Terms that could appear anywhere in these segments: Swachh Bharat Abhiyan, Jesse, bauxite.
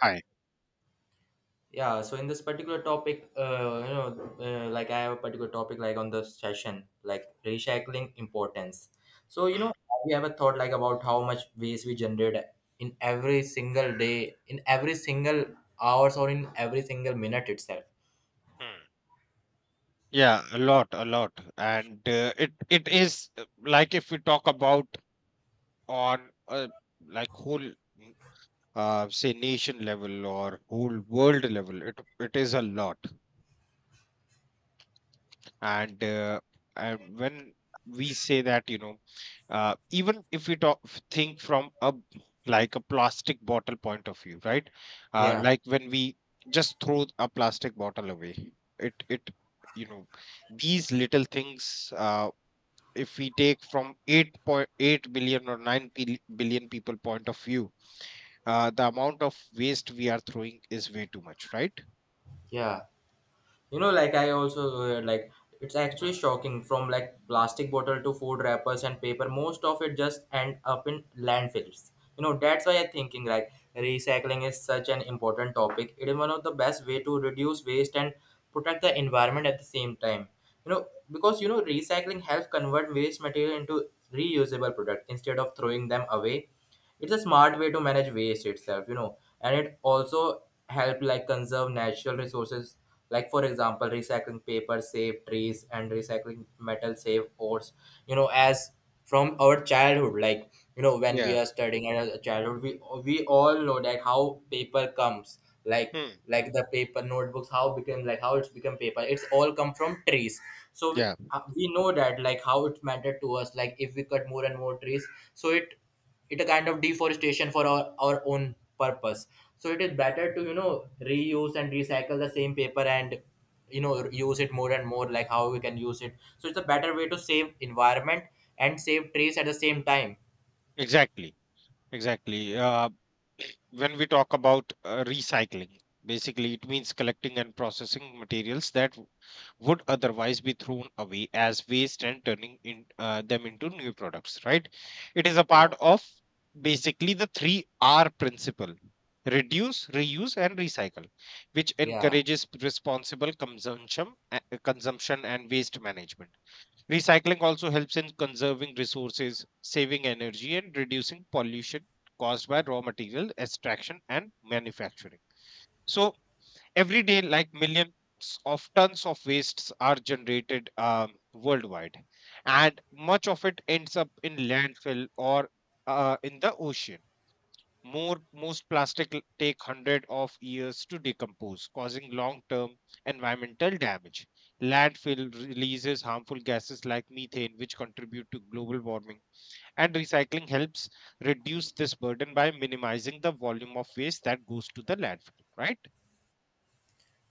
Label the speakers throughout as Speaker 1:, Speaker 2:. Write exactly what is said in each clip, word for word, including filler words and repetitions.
Speaker 1: Hi.
Speaker 2: Yeah, so in this particular topic, uh, you know, uh, like I have a particular topic like on the session, like recycling importance. So you
Speaker 1: Hmm,
Speaker 2: know, we have a thought like about how much waste we generate in every single day, in every single hours, or in every single minute itself.
Speaker 1: hmm. Yeah, a lot, a lot, and uh, it it is, uh, like if we talk about on, uh, like whole, mm, uh, say, nation level or whole world level, it it is a lot. And uh, and when we say that, you know, uh, even if we talk think from a, like a, plastic bottle point of view, right? Uh,
Speaker 2: Yeah,
Speaker 1: like when we just throw a plastic bottle away, it it you know, these little things, uh, if we take from eight point eight billion or nine bil- billion people point of view, uh, the amount of waste we are throwing is way too much, right?
Speaker 2: yeah, you know, like I also, uh, like it's actually shocking, from like plastic bottle to food wrappers and paper, most of it just end up in landfills. You know, that's why I'm thinking like recycling is such an important topic. It is one of the best way to reduce waste and protect the environment at the same time. You know, because you know, recycling helps convert waste material into reusable product instead of throwing them away. It's a smart way to manage waste itself, you know, and it also help like conserve natural resources. Like for example, recycling paper save trees and recycling metal save ores. You know, as from our childhood, like you know, when we
Speaker 1: Yeah.
Speaker 2: are studying at a childhood, we we all know that how paper comes like.
Speaker 1: Hmm.
Speaker 2: Like the paper notebooks, how became, like how it's become paper, it's all come from trees. So
Speaker 1: Yeah.
Speaker 2: uh, we know that like how it mattered to us, like if we cut more and more trees, so it it a kind of deforestation for our, our own purpose. So it is better to, you know, reuse and recycle the same paper and, you know, use it more and more, like how we can use it. So it's a better way to save environment and save trees at the same time.
Speaker 1: Exactly. Exactly. Uh, When we talk about uh, recycling, basically it means collecting and processing materials that w- would otherwise be thrown away as waste and turning in, uh, them into new products, right? It is a
Speaker 2: Yeah,
Speaker 1: part of basically the three R principle: reduce, reuse, and recycle, which
Speaker 2: yeah.
Speaker 1: encourages responsible consumption, uh, consumption and waste management. Recycling also helps in conserving resources, saving energy, and reducing pollution caused by raw material extraction and manufacturing. So, every day, like millions of tons of wastes are generated um, worldwide, and much of it ends up in landfill or uh, in the ocean. More, most plastic l- take hundred of years to decompose, causing long-term environmental damage. Landfill releases harmful gases like methane, which contribute to global warming, and recycling helps reduce this burden by minimizing the volume of waste that goes to the landfill, right?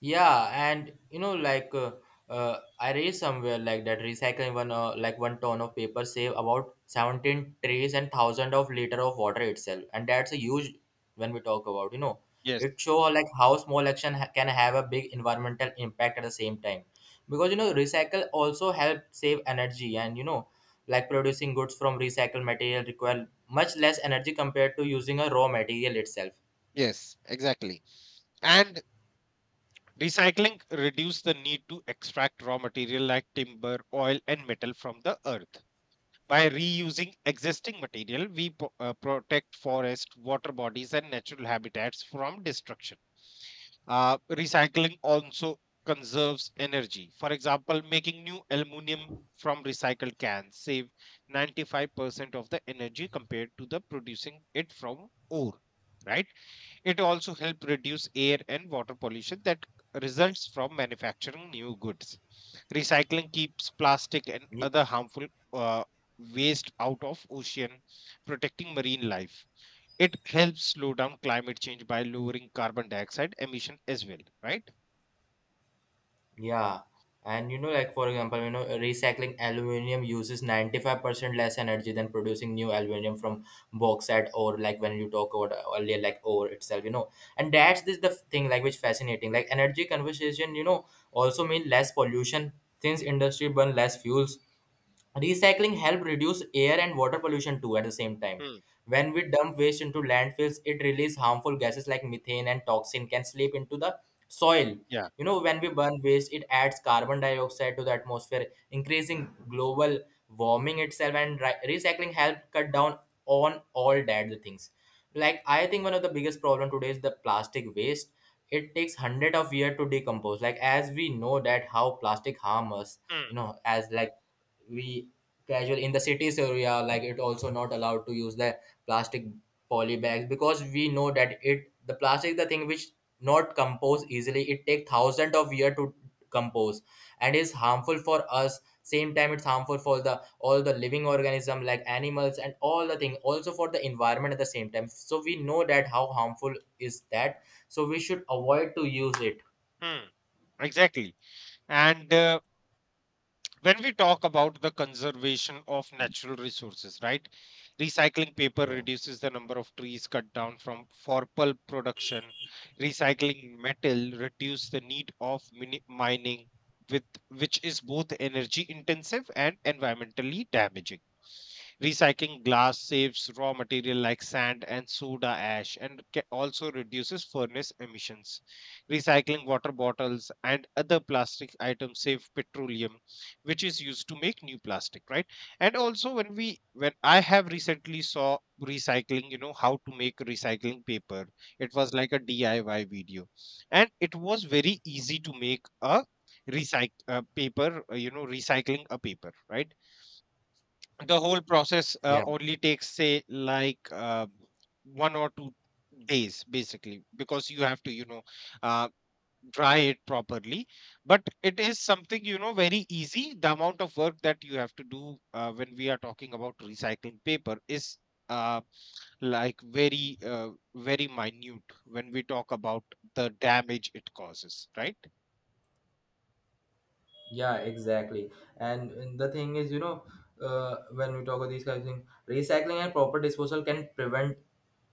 Speaker 2: Yeah, and you know, like uh, uh, I read somewhere like that recycling one, uh, like one ton of paper save about seventeen trees and thousand of liter of water itself, and that's a huge, when we talk about, you know,
Speaker 1: Yes.
Speaker 2: it show, uh, like how small action ha- can have a big environmental impact at the same time. Because you know, recycle also help save energy, and you know, like producing goods from recycled material require much less energy compared to using a raw material itself.
Speaker 1: Yes. Exactly. And recycling reduce the need to extract raw material like timber, oil, and metal from the earth. By reusing existing material, we po- uh, protect forest, water bodies, and natural habitats from destruction. Uh, recycling also conserves energy. For example, making new aluminum from recycled cans save ninety-five percent of the energy compared to the producing it from ore, right? It also helps reduce air and water pollution that results from manufacturing new goods. Recycling keeps plastic and other harmful uh, waste out of ocean, protecting marine life. It helps slow down climate change by lowering carbon dioxide emission as well, right?
Speaker 2: Yeah, and you know, like for example, you know, recycling aluminium uses ninety-five percent less energy than producing new aluminium from bauxite, or like when you talk about earlier, like ore itself, you know. And that's this the thing like which fascinating. Like energy conversation, you know, also mean less pollution, since industry burn less fuels. Recycling helps reduce air and water pollution too at the same time.
Speaker 1: Hmm.
Speaker 2: When we dump waste into landfills, it releases harmful gases like methane, and toxin can slip into the soil.
Speaker 1: Yeah.
Speaker 2: You know, when we burn waste, it adds carbon dioxide to the atmosphere, increasing global warming itself. And ri- recycling helps cut down on all that the things. Like I think one of the biggest problem today is the plastic waste. It takes hundred of year to decompose, like as we know that how plastic harm us.
Speaker 1: Hmm.
Speaker 2: You know, as like we casual in the cities area, like it also not allowed to use the plastic poly bags, because we know that it, the plastic, the thing which not compose easily, it take thousand of year to compose and is harmful for us same time. It's harmful for the all the living organism like animals and all the thing, also for the environment at the same time. So we know that how harmful is that, so we should avoid to use it.
Speaker 1: Hmm. Exactly. And uh, when we talk about the conservation of natural resources, right? Recycling paper
Speaker 2: Yeah,
Speaker 1: reduces the number of trees cut down from for pulp production. Recycling metal reduce the need of mini- mining, with which is both energy intensive and environmentally damaging. Recycling glass saves raw material like sand and soda ash, and ca- also reduces furnace emissions. Recycling water bottles and other plastic items save petroleum, which is used to make new plastic, right? And also when we when I have recently saw recycling, you know, how to make recycling paper. It was like a D I Y video. And it was very easy to make a recycle, uh, paper, uh, you know, recycling a paper, right? The whole process, uh,
Speaker 2: yeah.
Speaker 1: only takes, say, like, uh, one or two days basically, because you have to, you know, uh, dry it properly. But it is something, you know, very easy. The amount of work that you have to do, uh, when we are talking about recycling paper, is, uh, like very, uh, very minute when we talk about the damage it causes, right?
Speaker 2: Yeah, exactly. And and the thing is, you know, uh, when we talk about these kind of things, recycling and proper disposal can prevent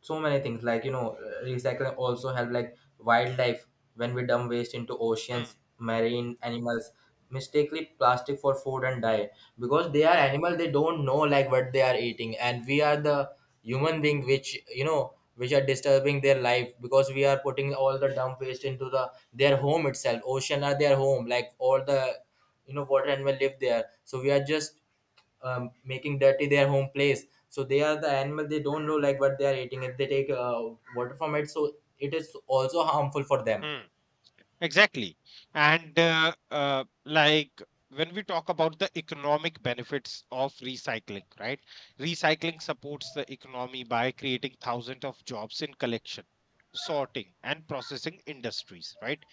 Speaker 2: so many things, like you know, uh, recycling also help like wildlife. When we dump waste into
Speaker 1: Mm.
Speaker 2: oceans, marine animals mistakenly plastic for food and die, because they are animal, they don't know like what they are eating, and we are the human being which, you know, which are disturbing their life, because we are putting all the dump waste into the their home itself. Ocean are their home, like all the, you know, water animal live there, so we are just um, making dirty their home place. So they are the animal, they don't know like what they are eating. If they take uh, water from it, so it is also harmful for them.
Speaker 1: Hmm. Exactly. And uh, uh, like when we talk about the economic benefits of recycling, right? Recycling supports the economy by creating thousands of jobs in collection, sorting, and processing industries, right?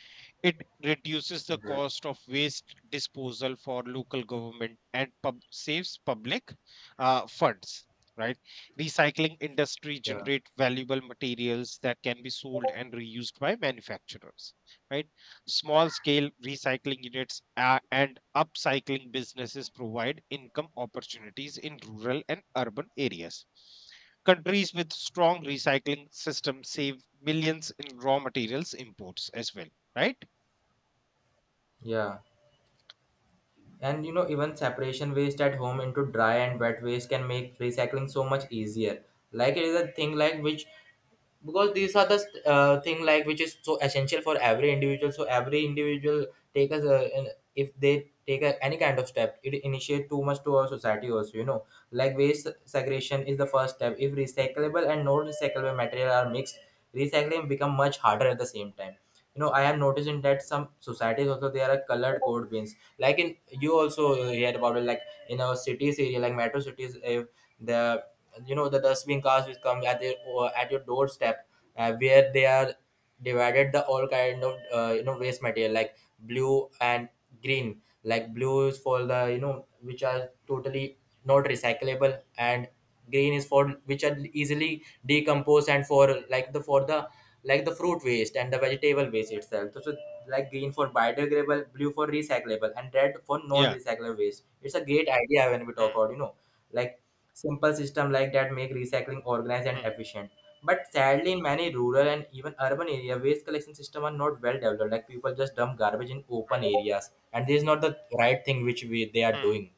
Speaker 1: It reduces the
Speaker 2: Okay.
Speaker 1: cost of waste disposal for local government and pub- saves public uh, funds. Right, recycling industry
Speaker 2: Yeah,
Speaker 1: generate valuable materials that can be sold and reused by manufacturers. Right, small scale recycling units, uh, and upcycling businesses, provide income opportunities in rural and urban areas. Countries with strong recycling systems save millions in raw materials imports as well, right?
Speaker 2: yeah. And you know, even separation waste at home into dry and wet waste can make recycling so much easier. Like it is a thing like which, because these are the uh, thing like which is so essential for every individual. So every individual take us, uh, an- if they take a, any kind of step, it initiate too much to our society also. You know, like waste segregation is the first step. If recyclable and non-recyclable material are mixed, recycling become much harder at the same time. You know, I am noticing that some societies also there are colored code bins like in, you also hear about it, like in our cities area, like metro cities, if the, you know, the dustbin cars which come at your at your doorstep, uh, where they are divided the all kind of, uh, you know, waste material like blue and green. Like blue is for the, you know, which are totally not recyclable, and green is for which are easily decomposed and for like the, for the, like the fruit waste and the vegetable waste itself. So, so like green for biodegradable, blue for recyclable, and red for
Speaker 1: Yeah.
Speaker 2: non-recyclable waste. It's a great idea when we talk
Speaker 1: Mm,
Speaker 2: about, you know, like simple system like that make recycling organized and
Speaker 1: mm,
Speaker 2: efficient. But sadly, in many rural and even urban area, waste collection system are not well developed, like people just dump garbage in open
Speaker 1: mm,
Speaker 2: areas, and this is not the right thing which we they are
Speaker 1: mm.
Speaker 2: doing.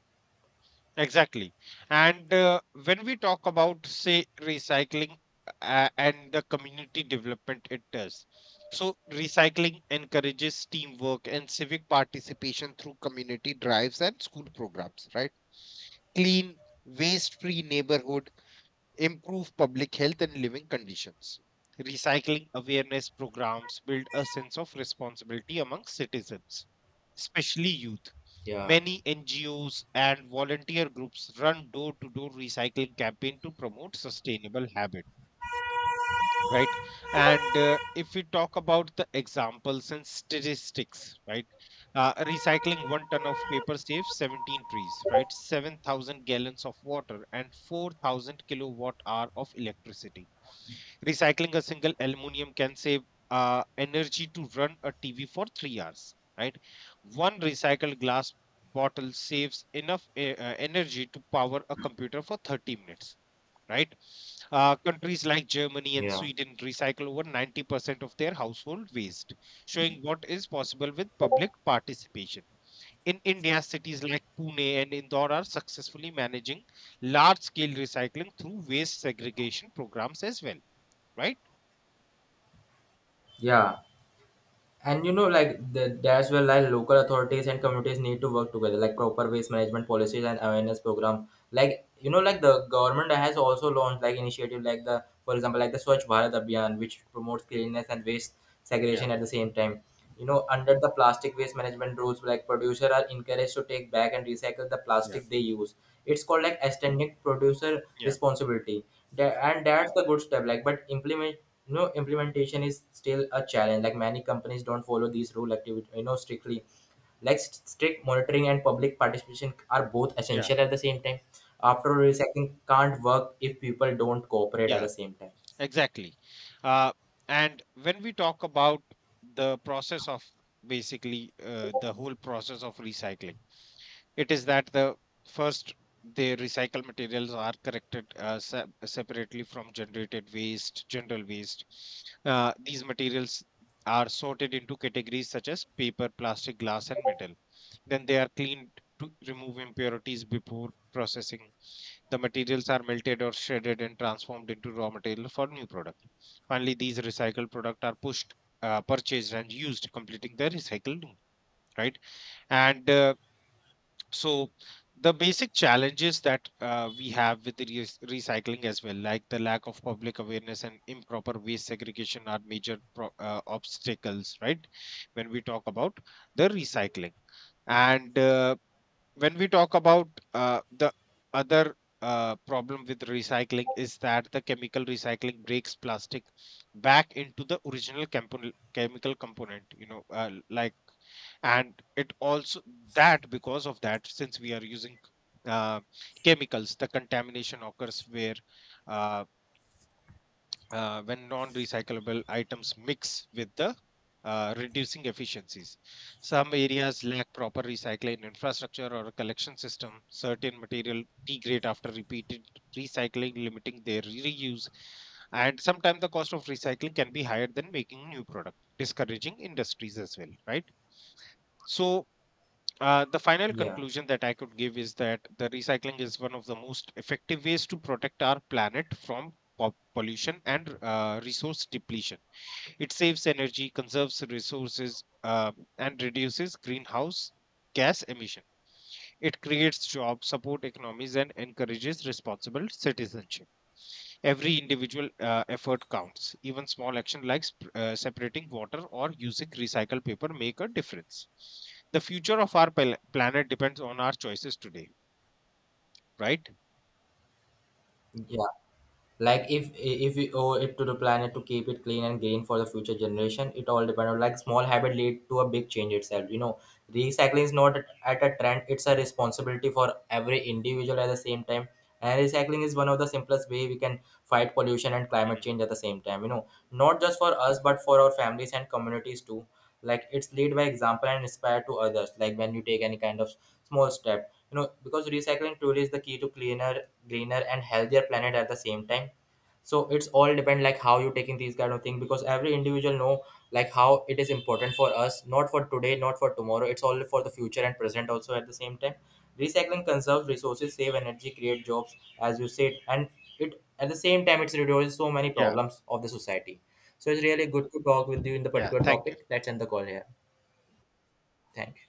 Speaker 1: Exactly. And uh, when we talk about, say, recycling, uh, and the community development it does, so recycling encourages teamwork and civic participation through community drives and school programs, right? Clean, waste-free neighborhoods improve public health and living conditions. Recycling awareness programs build a sense of responsibility among citizens, especially youth.
Speaker 2: Yeah,
Speaker 1: Many N G Os and volunteer groups run door to door recycling campaign to promote sustainable habits, right? And uh, if we talk about the examples and statistics, right? Uh, recycling one ton of paper saves seventeen trees, right? seven thousand gallons of water and four thousand kilowatt hour of electricity. Recycling a single aluminum can save uh, energy to run a tv for three hours, right? One recycled glass bottle saves enough e- uh, energy to power a computer for thirty minutes, right? Uh, countries like Germany and
Speaker 2: yeah,
Speaker 1: Sweden recycle over ninety percent of their household waste, showing what is possible with public participation. In India, cities like Pune and Indore are successfully managing large scale recycling through waste segregation programs as well, right?
Speaker 2: yeah. And you know, like the, that's where like local authorities and communities need to work together, like proper waste management policies and awareness program. Like you know, like the government has also launched like initiative, like the, for example, like the Swachh Bharat Abhiyan, which promotes cleanliness and waste
Speaker 1: Yeah,
Speaker 2: segregation at the same time. You know, under the plastic waste management rules, like producer are encouraged to take back and recycle the
Speaker 1: yeah,
Speaker 2: plastic they use. It's called like extended producer
Speaker 1: yeah,
Speaker 2: responsibility. Tha- and that's the good step, like but implement, you know, implementation is still a challenge. Like many companies don't follow these rule activity, you know, strictly. Like st- strict monitoring and public participation are both
Speaker 1: yeah,
Speaker 2: essential at the same time. After all, recycling can't work if people don't cooperate at
Speaker 1: yeah,
Speaker 2: the same time.
Speaker 1: exactly. Uh, and when we talk about the process of basically, uh, the whole process of recycling, it is that the first, the recycled materials are corrected, uh, se- separately from generated waste, general waste. Uh, these materials are sorted into categories such as paper, plastic, glass, and metal. Then they are cleaned to remove impurities before processing. The materials are melted or shredded and transformed into raw material for new product. Finally, these recycled products are pushed, uh, purchased, and used, completing the recycling. Right, and uh, so the basic challenges that uh, we have with the reus- recycling as well, like the lack of public awareness and improper waste segregation, are major pro- uh, obstacles, right? When we talk about the recycling, and uh, when we talk about uh, the other uh, problem with recycling is that the chemical recycling breaks plastic back into the original component, chemical component. You know, uh, like, and it also, that because of that, since we are using uh, chemicals, the contamination occurs where, uh, uh, when non-recyclable items mix with the, uh, reducing efficiencies. Some areas lack proper recycling infrastructure or a collection system. Certain material degrade after repeated recycling, limiting their reuse, and sometimes the cost of recycling can be higher than making new product, discouraging industries as well, right? So, uh, the final
Speaker 2: Yeah,
Speaker 1: conclusion that I could give is that the recycling is one of the most effective ways to protect our planet from po- pollution and uh, resource depletion. It saves energy, conserves resources, uh, and reduces greenhouse gas emission. It creates jobs, support economies, and encourages responsible citizenship. Every individual uh, effort counts. Even small action like sp- uh, separating water or using recycled paper make a difference. The future of our pal- planet depends on our choices today, right?
Speaker 2: yeah. Like if if we owe it to the planet to keep it clean and green for the future generation, it all depends on like small habit lead to a big change itself. You know, recycling is not at a trend, it's a responsibility for every individual at the same time. And recycling is one of the simplest way we can fight pollution and climate
Speaker 1: Mm.
Speaker 2: change at the same time, you know, not just for us but for our families and communities too. Like it's lead by example and inspire to others, like when you take any kind of small step, you know, because recycling truly is the key to cleaner, greener and healthier planet at the same time. So it's all depend like how you taking these kind of thing, because every individual know like how it is important for us, not for today, not for tomorrow, it's all for the future and present also at the same time. Recycling conserves resources, save energy, create jobs, as you said, and it at the same time it's reduces so many
Speaker 1: Yeah,
Speaker 2: problems of the society. So it's really good to talk with you in the
Speaker 1: yeah.
Speaker 2: particular
Speaker 1: Thank you.
Speaker 2: topic. Let's end the call here. Thank you.